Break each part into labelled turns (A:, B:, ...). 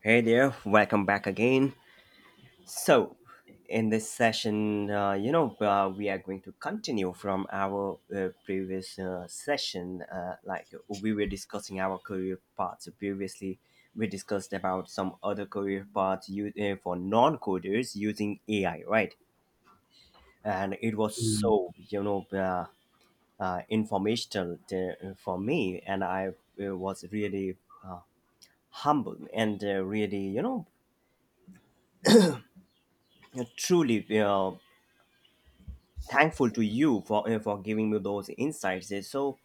A: Hey there, welcome back again. So, in this session, we are going to continue from our previous session. Like we were discussing our career paths previously. We discussed about some other career paths you, for non-coders using AI, right? And it was
B: Mm.
A: so informational for me, and I was really uh, humbled and really you know truly thankful to you for giving me those insights. Uh, So,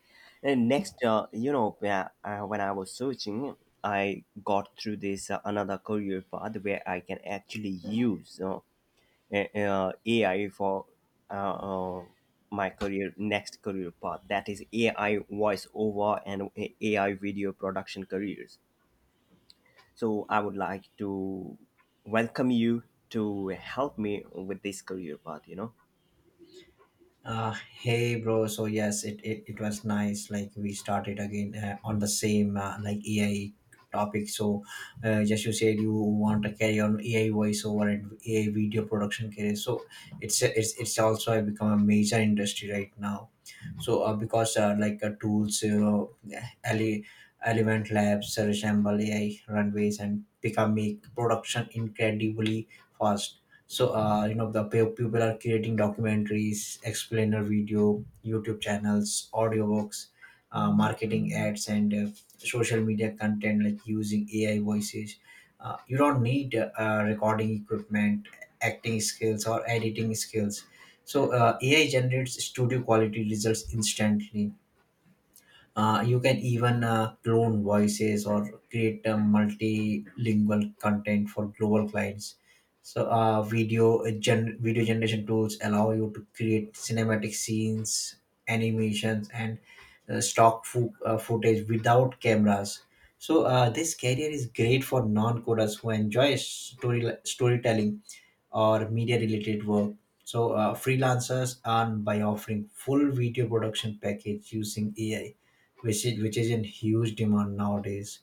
A: uh, Next, when I was searching, I got through this another career path where I can actually use AI for uh, uh, my career next career path. That is AI voice over and AI video production careers. So, I would like to welcome you to help me with this career path.
B: Uh, Hey bro, so yes, it was nice. Like we started again on the same like AI topic. So just you said you want to carry on AI voiceover and AI video production career. So it's also become a major industry right now. So because like tools ele- Element Labs resemble AI runways and become make production incredibly fast. So you know the people are creating documentaries, explainer video, YouTube channels, audiobooks, marketing ads, and social media content like using AI voices. You don't need recording equipment, acting skills, or editing skills. So AI generates studio quality results instantly. Uh, you can even clone voices or create multilingual content for global clients. So, video video generation tools allow you to create cinematic scenes, animations, and stock footage without cameras. So, this career is great for non-coders who enjoy storytelling or media related work. So freelancers earn by offering full video production package using AI, which is in huge demand nowadays.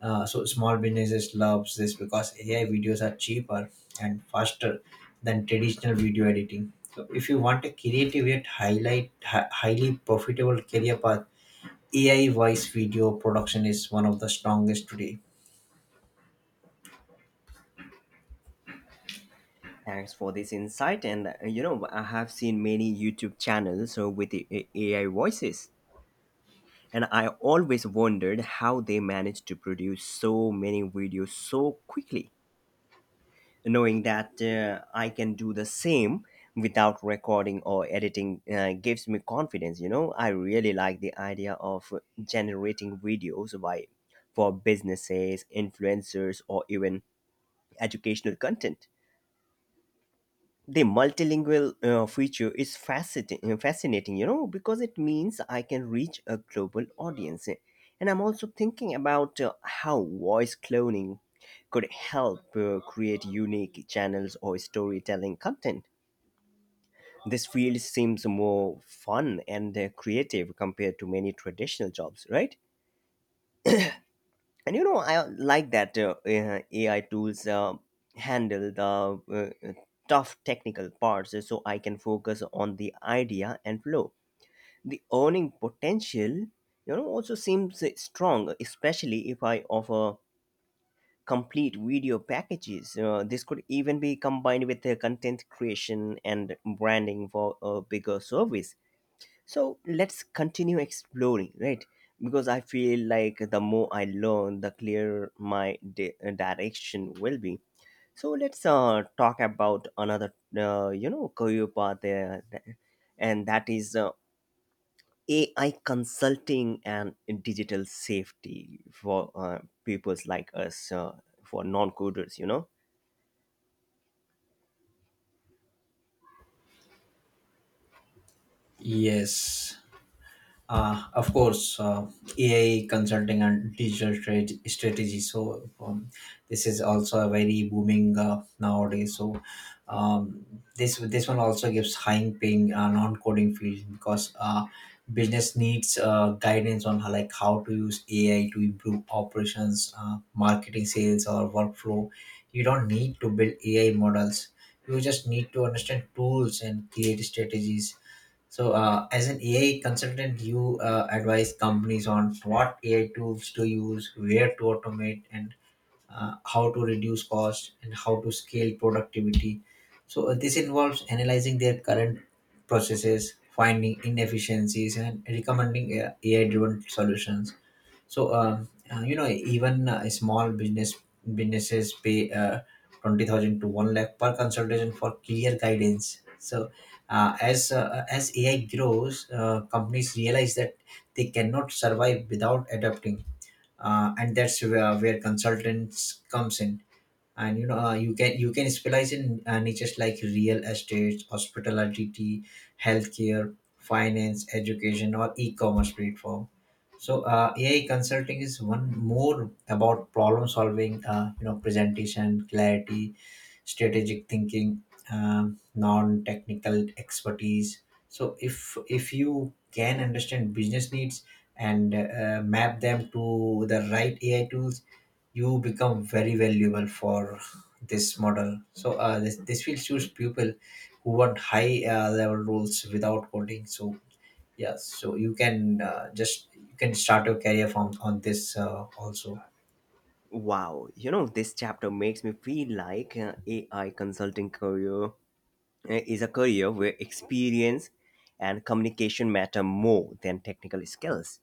B: So small businesses loves this because AI videos are cheaper and faster than traditional video editing. So if you want a creative yet highly profitable career path, AI voice video production is one of the strongest today.
A: Thanks for this insight. And I have seen many YouTube channels with the AI voices, and I always wondered how they managed to produce so many videos so quickly, knowing that I can do the same without recording or editing gives me confidence. You know, I really like the idea of generating videos by for businesses, influencers, or even educational content. The multilingual feature is fascinating, you know, because it means I can reach a global audience. And I'm also thinking about how voice cloning could help create unique channels or storytelling content. This field seems more fun and creative compared to many traditional jobs, right? And you know, I like that AI tools handle the tough technical parts, so I can focus on the idea and flow. The earning potential, you know, also seems strong, especially if I offer complete video packages. This could even be combined with content creation and branding for a bigger service. So let's continue exploring, right? Because I feel like the more I learn, the clearer my direction will be. So let's talk about another, career path there, and that is AI consulting and digital safety for peoples like us, for non-coders, you know.
B: Yes. Of course, AI consulting and digital trade strategy. So this is also a very booming nowadays. So um, this one also gives high paying non coding field because business needs guidance on how, like how to use AI to improve operations, marketing, sales, or workflow. You don't need to build AI models. You just need to understand tools and create strategies. So, as an AI consultant, you advise companies on what AI tools to use, where to automate, and how to reduce cost and how to scale productivity. So, this involves analyzing their current processes, finding inefficiencies, and recommending AI driven solutions. So, you know, even small business businesses pay 20,000 to one lakh per consultation for clear guidance. So, as AI grows, companies realize that they cannot survive without adapting, and that's where consultants comes in. And you know, you can specialize in niches like real estate, hospitality, healthcare, finance, education, or e-commerce platform. So AI consulting is one more about problem solving, you know, presentation clarity, strategic thinking, non-technical expertise. So if you can understand business needs and map them to the right AI tools, you become very valuable for this model. So this will choose people who want high level roles without coding. So yes, so you can just you can start your career from on this also.
A: Wow, you know, this chapter makes me feel like AI consulting career is a career where experience and communication matter more than technical skills.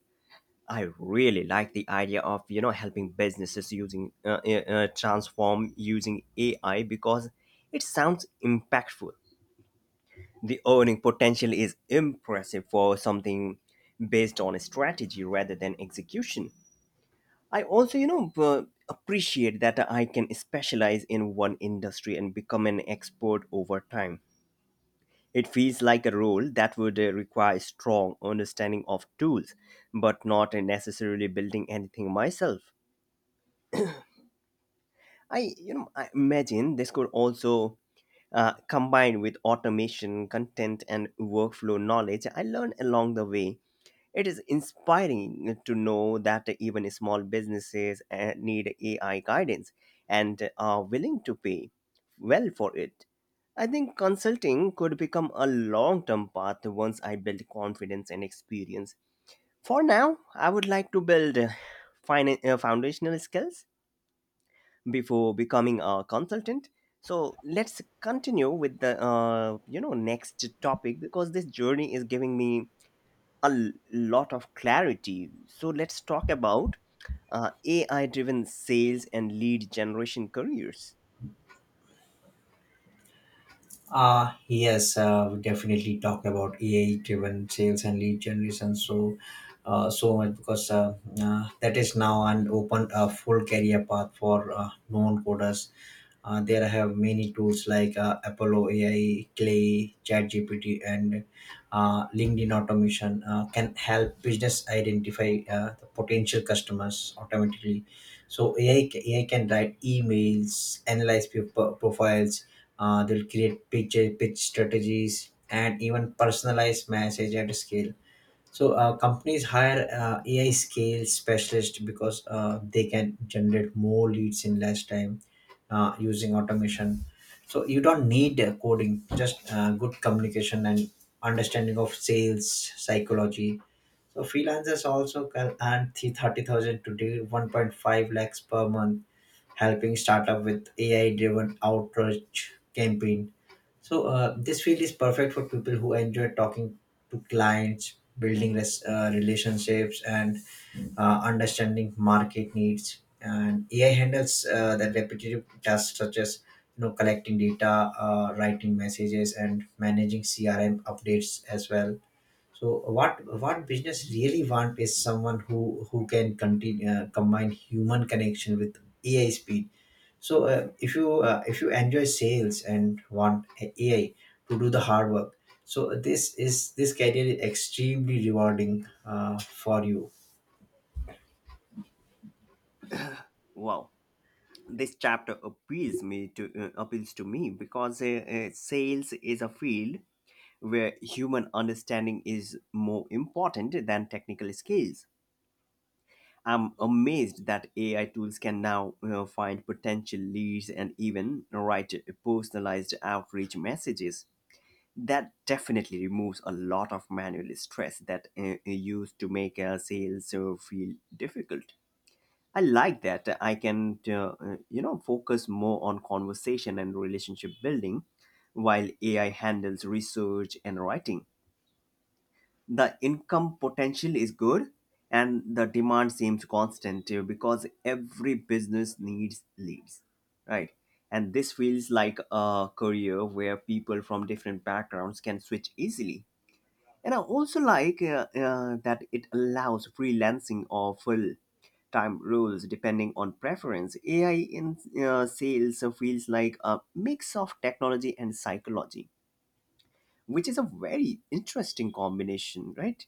A: I really like the idea of, you know, helping businesses using transform using AI, because it sounds impactful. The earning potential is impressive for something based on strategy rather than execution. I also, appreciate that I can specialize in one industry and become an expert over time. It feels like a role that would require strong understanding of tools, but not in necessarily building anything myself. I, you know, I imagine this could also combine with automation, content, and workflow knowledge I learned along the way. It is inspiring to know that even small businesses need AI guidance and are willing to pay well for it. I think consulting could become a long term path once I build confidence and experience. For now, I would like to build foundational skills before becoming a consultant. So let's continue with the, next topic, because this journey is giving me a lot of clarity. So let's talk about AI driven sales and lead generation careers.
B: Yes, we definitely talk about AI driven sales and lead generation so so much because that is now an open full career path for non coders. There I have many tools like Apollo AI, Clay, ChatGPT, and LinkedIn automation can help business identify the potential customers automatically. So AI can write emails, analyze people profiles, they'll create pitch strategies, and even personalize message at scale. So companies hire AI scale specialists because they can generate more leads in less time using automation. So you don't need coding, just good communication and understanding of sales psychology. So freelancers also can earn 30,000 to 1.5 lakhs per month helping startup with AI-driven outreach campaign. So this field is perfect for people who enjoy talking to clients, building relationships, and understanding market needs. And AI handles the repetitive tasks such as you know collecting data, writing messages, and managing CRM updates as well. So what business really want is someone who can continue combine human connection with AI speed. So if you enjoy sales and want AI to do the hard work, so this career is extremely rewarding for you.
A: Wow, this chapter appeals to me, because sales is a field where human understanding is more important than technical skills. I'm amazed that AI tools can now, you know, find potential leads and even write personalized outreach messages. That definitely removes a lot of manual stress that used to make sales feel difficult. I like that I can, focus more on conversation and relationship building while AI handles research and writing. The income potential is good and the demand seems constant, because every business needs leads, right? And this feels like a career where people from different backgrounds can switch easily. And I also like that it allows freelancing or full time roles depending on preference. AI in sales feels like a mix of technology and psychology, which is a very interesting combination, right?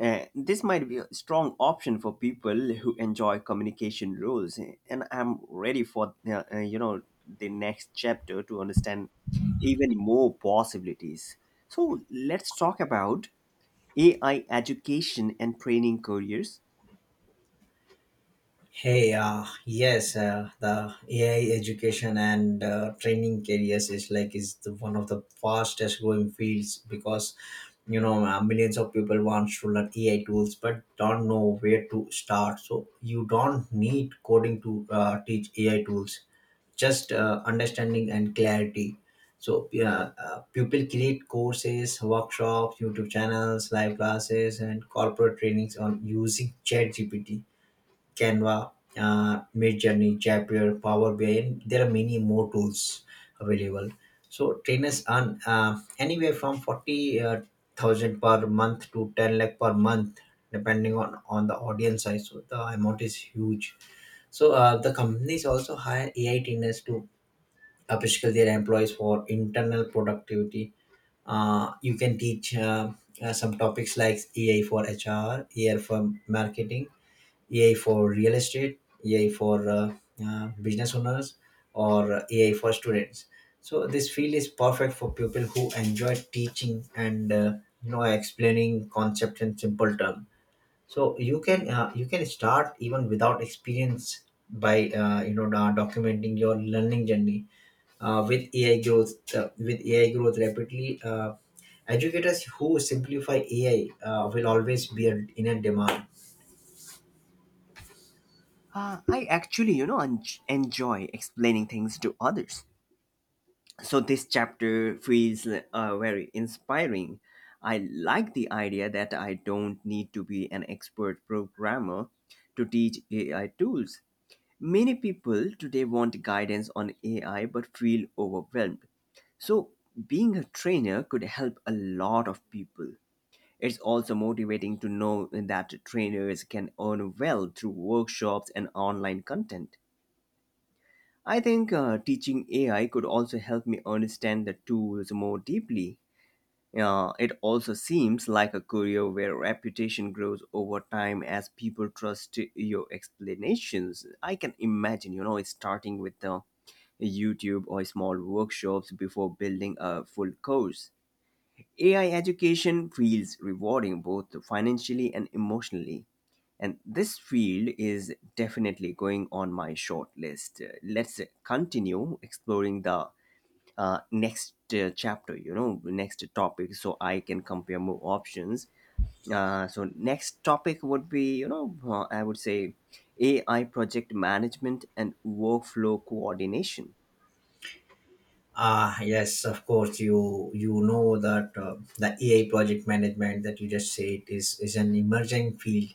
A: This might be a strong option for people who enjoy communication roles, and I'm ready for the next chapter to understand even more possibilities. So let's talk about AI education and training careers.
B: Hey, yes, the AI education and training careers is like is the one of the fastest growing fields because you know millions of people want to learn AI tools but don't know where to start. So you don't need coding to teach AI tools, just understanding and clarity. So yeah, people create courses, workshops, YouTube channels, live classes, and corporate trainings on using ChatGPT, Canva, Midjourney, Zapier, Power BI, and there are many more tools available. So trainers earn anywhere from 40 thousand per month to 10 lakh per month, depending on the audience size. So the amount is huge. So the companies also hire AI trainers to upskill their employees for internal productivity. You can teach some topics like AI for HR, AI for marketing, AI for real estate, AI for business owners, or AI for students. So this field is perfect for people who enjoy teaching and, you know, explaining concepts in simple terms. So you can start even without experience by you know documenting your learning journey. With AI growth rapidly, educators who simplify AI will always be in a demand.
A: I actually, you know, enjoy explaining things to others, so this chapter feels very inspiring. I like the idea that I don't need to be an expert programmer to teach AI tools. Many people today want guidance on AI but feel overwhelmed, so being a trainer could help a lot of people. It's also motivating to know that trainers can earn well through workshops and online content. I think teaching AI could also help me understand the tools more deeply. It also seems like a career where reputation grows over time as people trust your explanations. I can imagine, you know, starting with the YouTube or small workshops before building a full course. AI education feels rewarding both financially and emotionally. And this field is definitely going on my short list. Let's continue exploring the next chapter, you know, next topic, so I can compare more options. So, next topic would be, you know, I would say AI project management and workflow coordination.
B: Ah, yes, of course. You know that the AI project management that you just said is an emerging field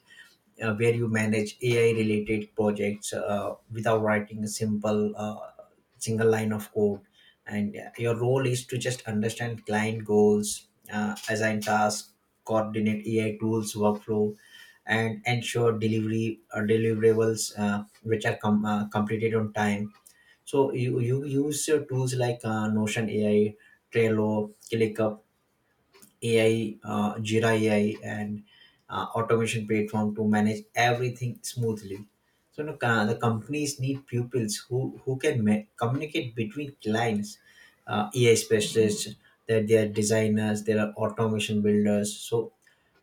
B: where you manage AI related projects without writing a simple single line of code, and your role is to just understand client goals, assign tasks, coordinate AI tools workflow, and ensure delivery deliverables which are completed on time. So you use your tools like Notion AI, Trello, ClickUp AI, Jira AI, and automation platform to manage everything smoothly. So you know, the companies need pupils who can communicate between clients, AI specialists, that they are designers, there are automation builders. So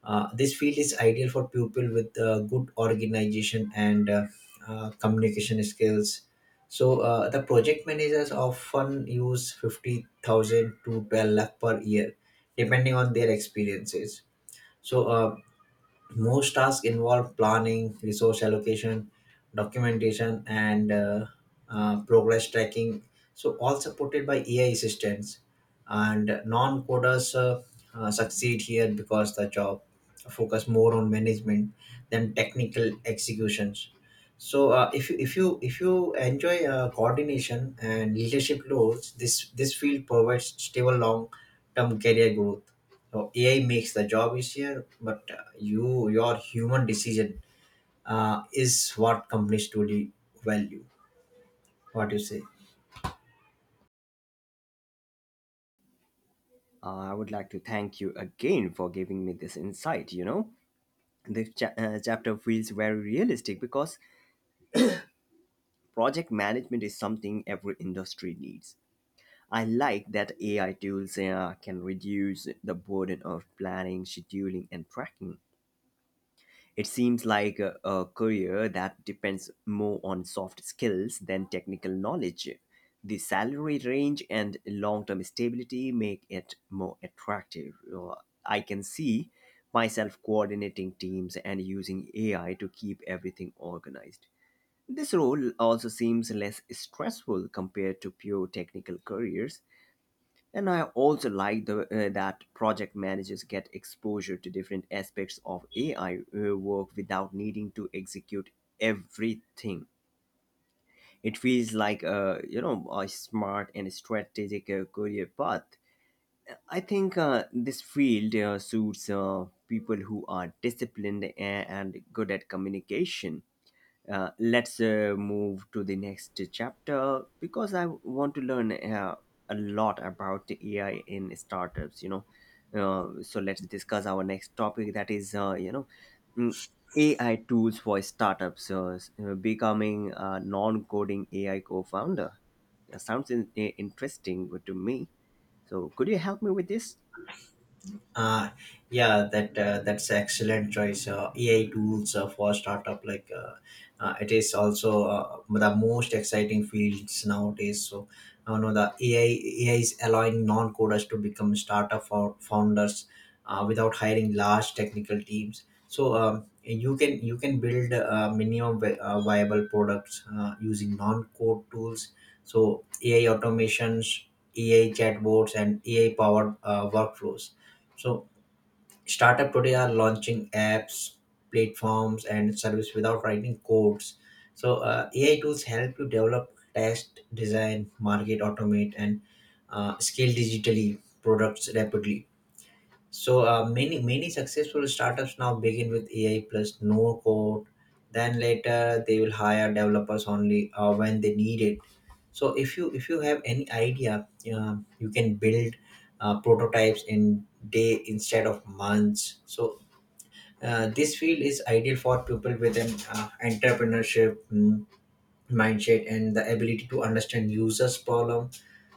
B: this field is ideal for people with good organization and communication skills. So the project managers often use 50,000 to 12 lakh per year, depending on their experiences. So most tasks involve planning, resource allocation, documentation, and progress tracking, so all supported by AI assistants. And non coders succeed here because the job focus more on management than technical executions. So if you enjoy coordination and leadership roles, this field provides stable long term career growth. So AI makes the job easier, but you your human decision is what companies truly value. What do you say?
A: I would like to thank you again for giving me this insight, you know. The chapter feels very realistic because project management is something every industry needs. I like that AI tools can reduce the burden of planning, scheduling, and tracking. It seems like a career that depends more on soft skills than technical knowledge. The salary range and long term stability make it more attractive. I can see myself coordinating teams and using AI to keep everything organized. This role also seems less stressful compared to pure technical careers, and I also like the, that project managers get exposure to different aspects of AI work without needing to execute everything. It feels like a, you know, a smart and strategic career path. I think this field suits people who are disciplined and good at communication. Let's move to the next chapter because I want to learn a lot about the AI in startups. You know, so let's discuss our next topic, that is, mm, AI tools for startups. Becoming a non-coding AI co-founder. That sounds interesting to me. So, could you help me with this?
B: Uh, yeah, that that's excellent choice. AI tools for startup like it is also the most exciting fields nowadays. So, you know, the AI is allowing non coders to become startup for founders without hiring large technical teams. So you can build minimum viable products using non code tools. So AI automations, AI chatbots, and AI powered workflows. So startup today are launching apps, platforms, and service without writing codes. So AI tools help you develop, test, design, market, automate, and scale digitally products rapidly. So many successful startups now begin with AI plus no code. Then later they will hire developers only when they need it. So if you have any idea, you can build prototypes in day instead of months. So this field is ideal for people with an entrepreneurship mindset and the ability to understand users problem.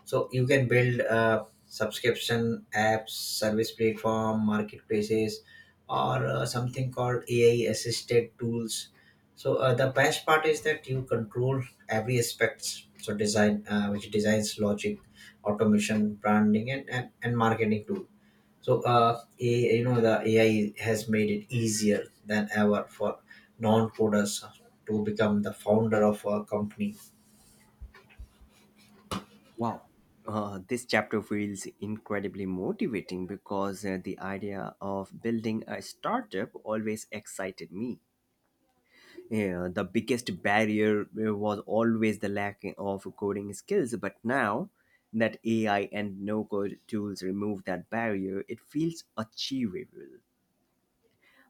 B: So you can build subscription apps, service platform, marketplaces, or something called AI assisted tools. So the best part is that you control every aspects, so design, which designs, logic, automation, branding, and, marketing too. So, you know, the AI has made it easier than ever for non-coders to become the founder of a company.
A: Wow. This chapter feels incredibly motivating because the idea of building a startup always excited me. Yeah, the biggest barrier was always the lack of coding skills, but now that AI and no code tools remove that barrier, it feels achievable.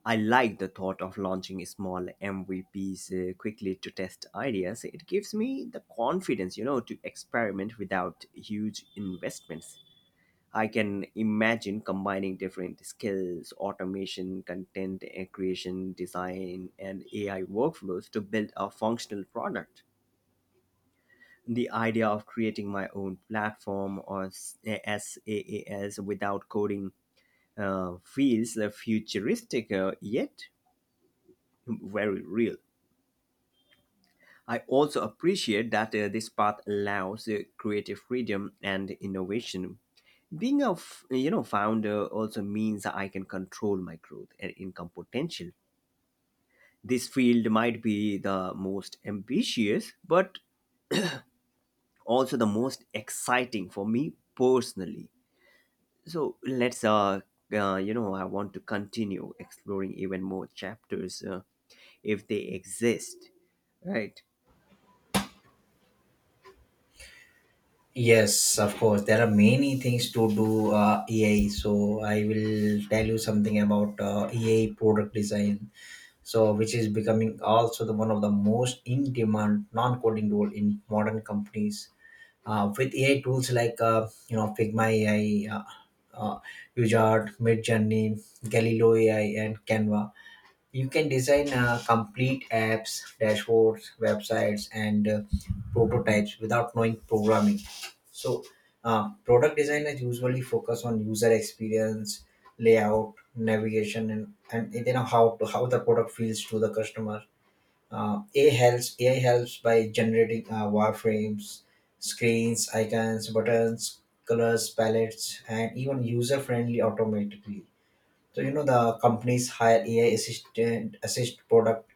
A: I like the thought of launching small MVPs quickly to test ideas. It gives me the confidence, you know, to experiment without huge investments. I can imagine combining different skills, automation, content creation, design, and AI workflows to build a functional product. The idea of creating my own platform or SaaS without coding feels futuristic yet very real. I also appreciate that this path allows creative freedom and innovation. Being a founder also means I can control my growth and income potential. This field might be the most ambitious, but also the most exciting for me personally. So let's, I want to continue exploring even more chapters if they exist, right?
B: Yes, of course, there are many things to do AI. So, I will tell you something about AI product design, so which is becoming also the one of the most in-demand non-coding role in modern companies, with AI tools like you know Figma AI, uh, UJART, Midjourney, Galileo AI, and Canva. You can design complete apps, dashboards, websites, and prototypes without knowing programming. So, product designers usually focus on user experience, layout, navigation, and then how the product feels to the customer. AI helps by generating wireframes, screens, icons, buttons, colors, palettes, and even user-friendly automatically. So you know the companies hire AI assist product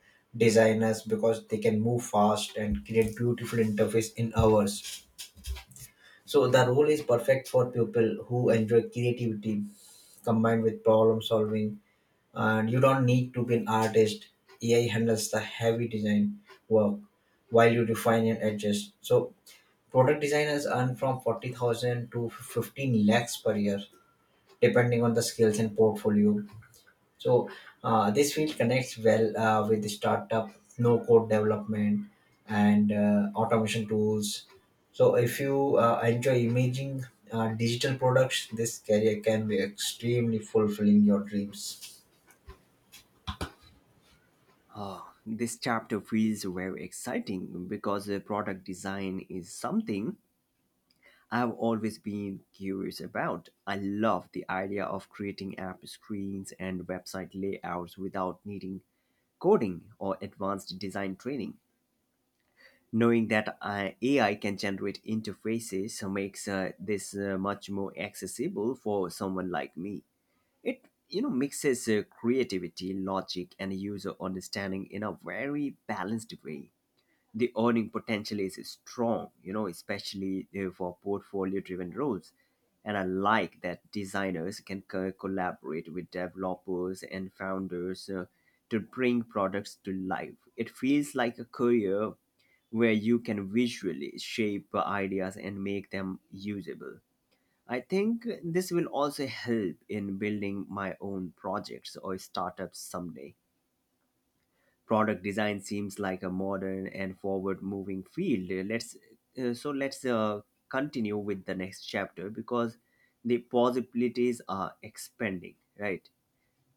B: designers because they can move fast and create beautiful interface in hours. So the role is perfect for people who enjoy creativity combined with problem solving, and you don't need to be an artist. AI handles the heavy design work while you refine and adjust. So product designers earn from 40,000 to 15 lakhs per year, depending on the skills and portfolio. So this field connects well with the startup, no code development, and automation tools. So if you enjoy imaging digital products, this career can be extremely fulfilling your dreams.
A: Oh, this chapter feels very exciting because product design is something I've always been curious about. I love the idea of creating app screens and website layouts without needing coding or advanced design training. Knowing that AI can generate interfaces makes this much more accessible for someone like me. It, you know, mixes creativity, logic, and user understanding in a very balanced way. The earning potential is strong, you know, especially for portfolio driven roles. And I like that designers can collaborate with developers and founders to bring products to life. It feels like a career where you can visually shape ideas and make them usable. I think this will also help in building my own projects or startups someday. Product design seems like a modern and forward moving field. Let's so let's continue with the next chapter, because the possibilities are expanding, right?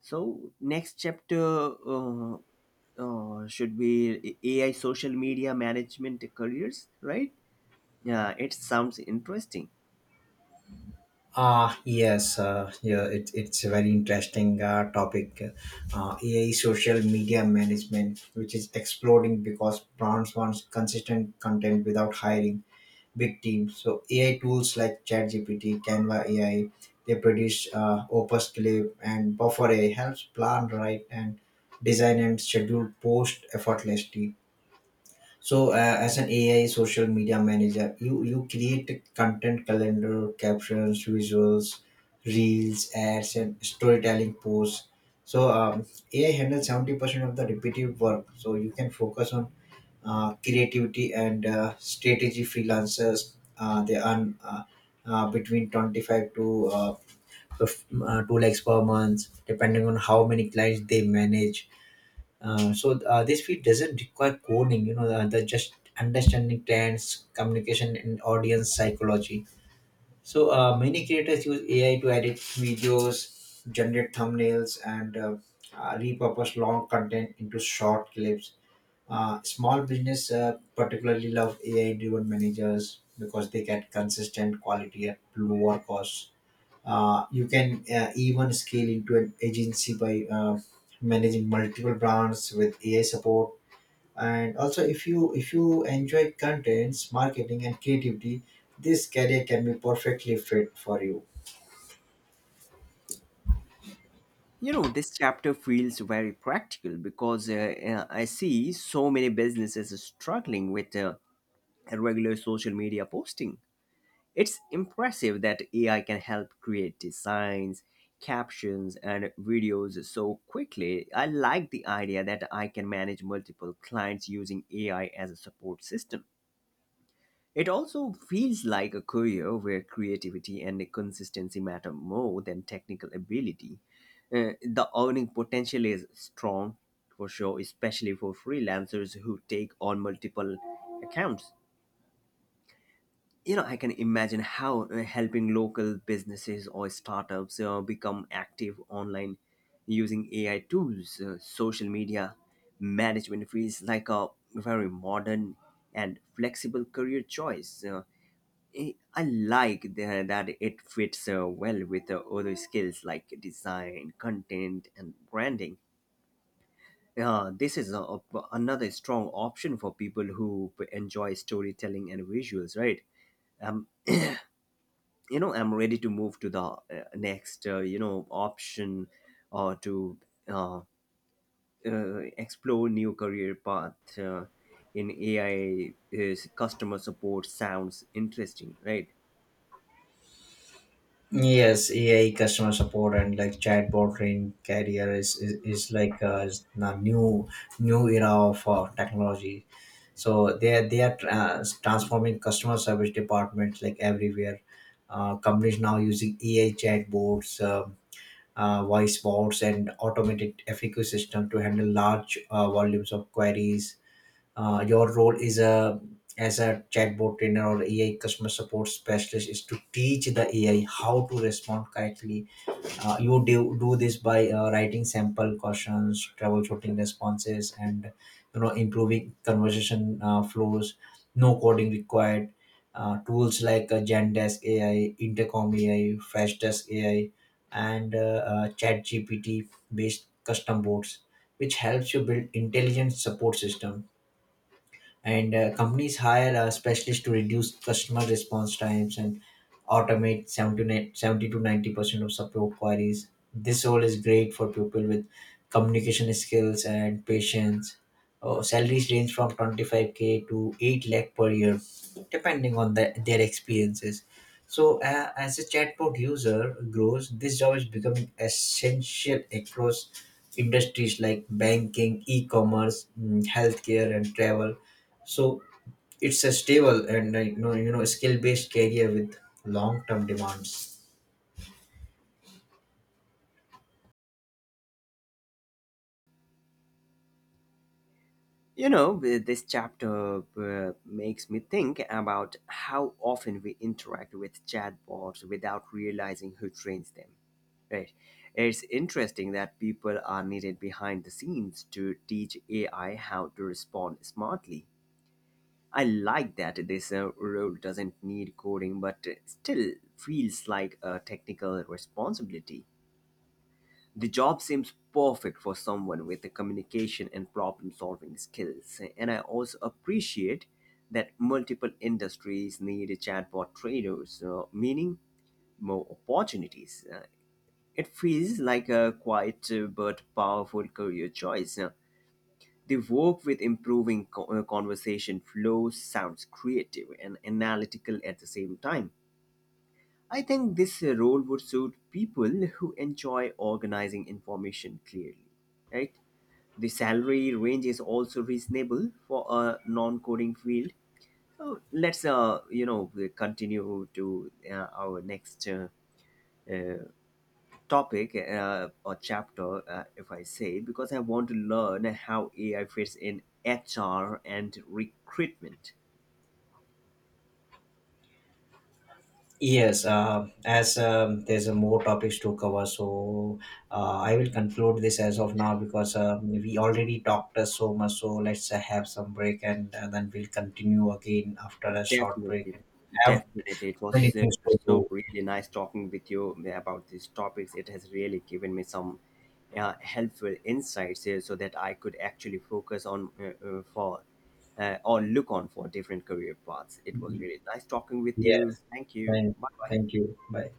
A: So next chapter uh, should be AI social media management careers, right? Yeah, it sounds interesting.
B: It's a very interesting topic. AI social media management, which is exploding because brands want consistent content without hiring big teams. So AI tools like ChatGPT, Canva AI, they produce Opus Clip and Buffer AI helps plan, write, and design and schedule post effortlessly. So, as an AI social media manager, you create a content calendar, captions, visuals, reels, ads, and storytelling posts. So, um, AI handles 70% of the repetitive work. So you can focus on creativity and strategy. Freelancers they earn between 25 to two lakhs per month, depending on how many clients they manage. This field doesn't require coding, you know, the just understanding trends, communication, and audience psychology. So many creators use AI to edit videos, generate thumbnails, and repurpose long content into short clips. Small business particularly love AI-driven managers because they get consistent quality at lower costs. You can even scale into an agency by managing multiple brands with AI support. And also, if you enjoy contents, marketing, and creativity, this career can be perfectly fit for you.
A: You know, this chapter feels very practical because I see so many businesses struggling with regular social media posting. It's impressive that AI can help create designs, captions, and videos so quickly. I like the idea that I can manage multiple clients using AI as a support system. It also feels like a career where creativity and consistency matter more than technical ability. The earning potential is strong, for sure, especially for freelancers who take on multiple accounts. You know, I can imagine how, helping local businesses or startups become active online using AI tools. Social media management feels like a very modern and flexible career choice. Uh, i I like the, that it fits well with other skills like design, content, and branding. This is another strong option for people who enjoy storytelling and visuals, right? Um, you know I'm ready to move to the, next, option, or to uh, explore new career path. In AI is customer support, sounds interesting, right?
B: Yes, AI customer support and like chatbot trained career is, is like a new new era of technology. So they are transforming customer service departments like everywhere. Companies now using AI chatbots, voice bots, and automated FAQ system to handle large volumes of queries. Your role is a as a chatbot trainer or AI customer support specialist is to teach the AI how to respond correctly. You do this by writing sample questions, troubleshooting responses, and improving conversation flows. No coding required. Tools like Zendesk AI, Intercom AI, Freshdesk AI, and ChatGPT based custom bots, which helps you build intelligent support system. And companies hire specialists to reduce customer response times and automate 70 to 90% of support queries. This role is great for people with communication skills and patience. Salaries range from 25k to 8 lakh per year, depending on their experiences. So as a chatbot user grows, this job is becoming essential across industries like banking, e-commerce, healthcare, and travel. So it's a stable and skill based career with long term demands.
A: You know, this chapter makes me think about how often we interact with chatbots without realizing who trains them. Right. It's interesting that people are needed behind the scenes to teach AI how to respond smartly. I like that this role doesn't need coding but still feels like a technical responsibility. The job seems perfect for someone with the communication and problem solving skills. And I also appreciate that multiple industries need chatbot traders, meaning more opportunities. It feels like a quiet but powerful career choice. They work with improving conversation flow, sounds creative and analytical at the same time. I think this role would suit people who enjoy organizing information clearly, right? The salary range is also reasonable for a non-coding field. So let's, continue to our next uh, topic or chapter, if I say, because I want to learn how AI fits in HR and recruitment.
B: Yes, as There's a more topics to cover, so I will conclude this as of now because we already talked so much. So let's have some break and then we'll continue again after a short break.
A: Definitely,
B: Have
A: definitely, it
B: many
A: was
B: things to
A: so
B: do.
A: really nice talking with you about these topics. It has really given me some helpful insights here, so that I could actually focus on for or look on for different career paths. It was really nice talking with you.
B: Yes,
A: Thank you.
B: thank,
A: Bye bye.
B: thank you. Bye.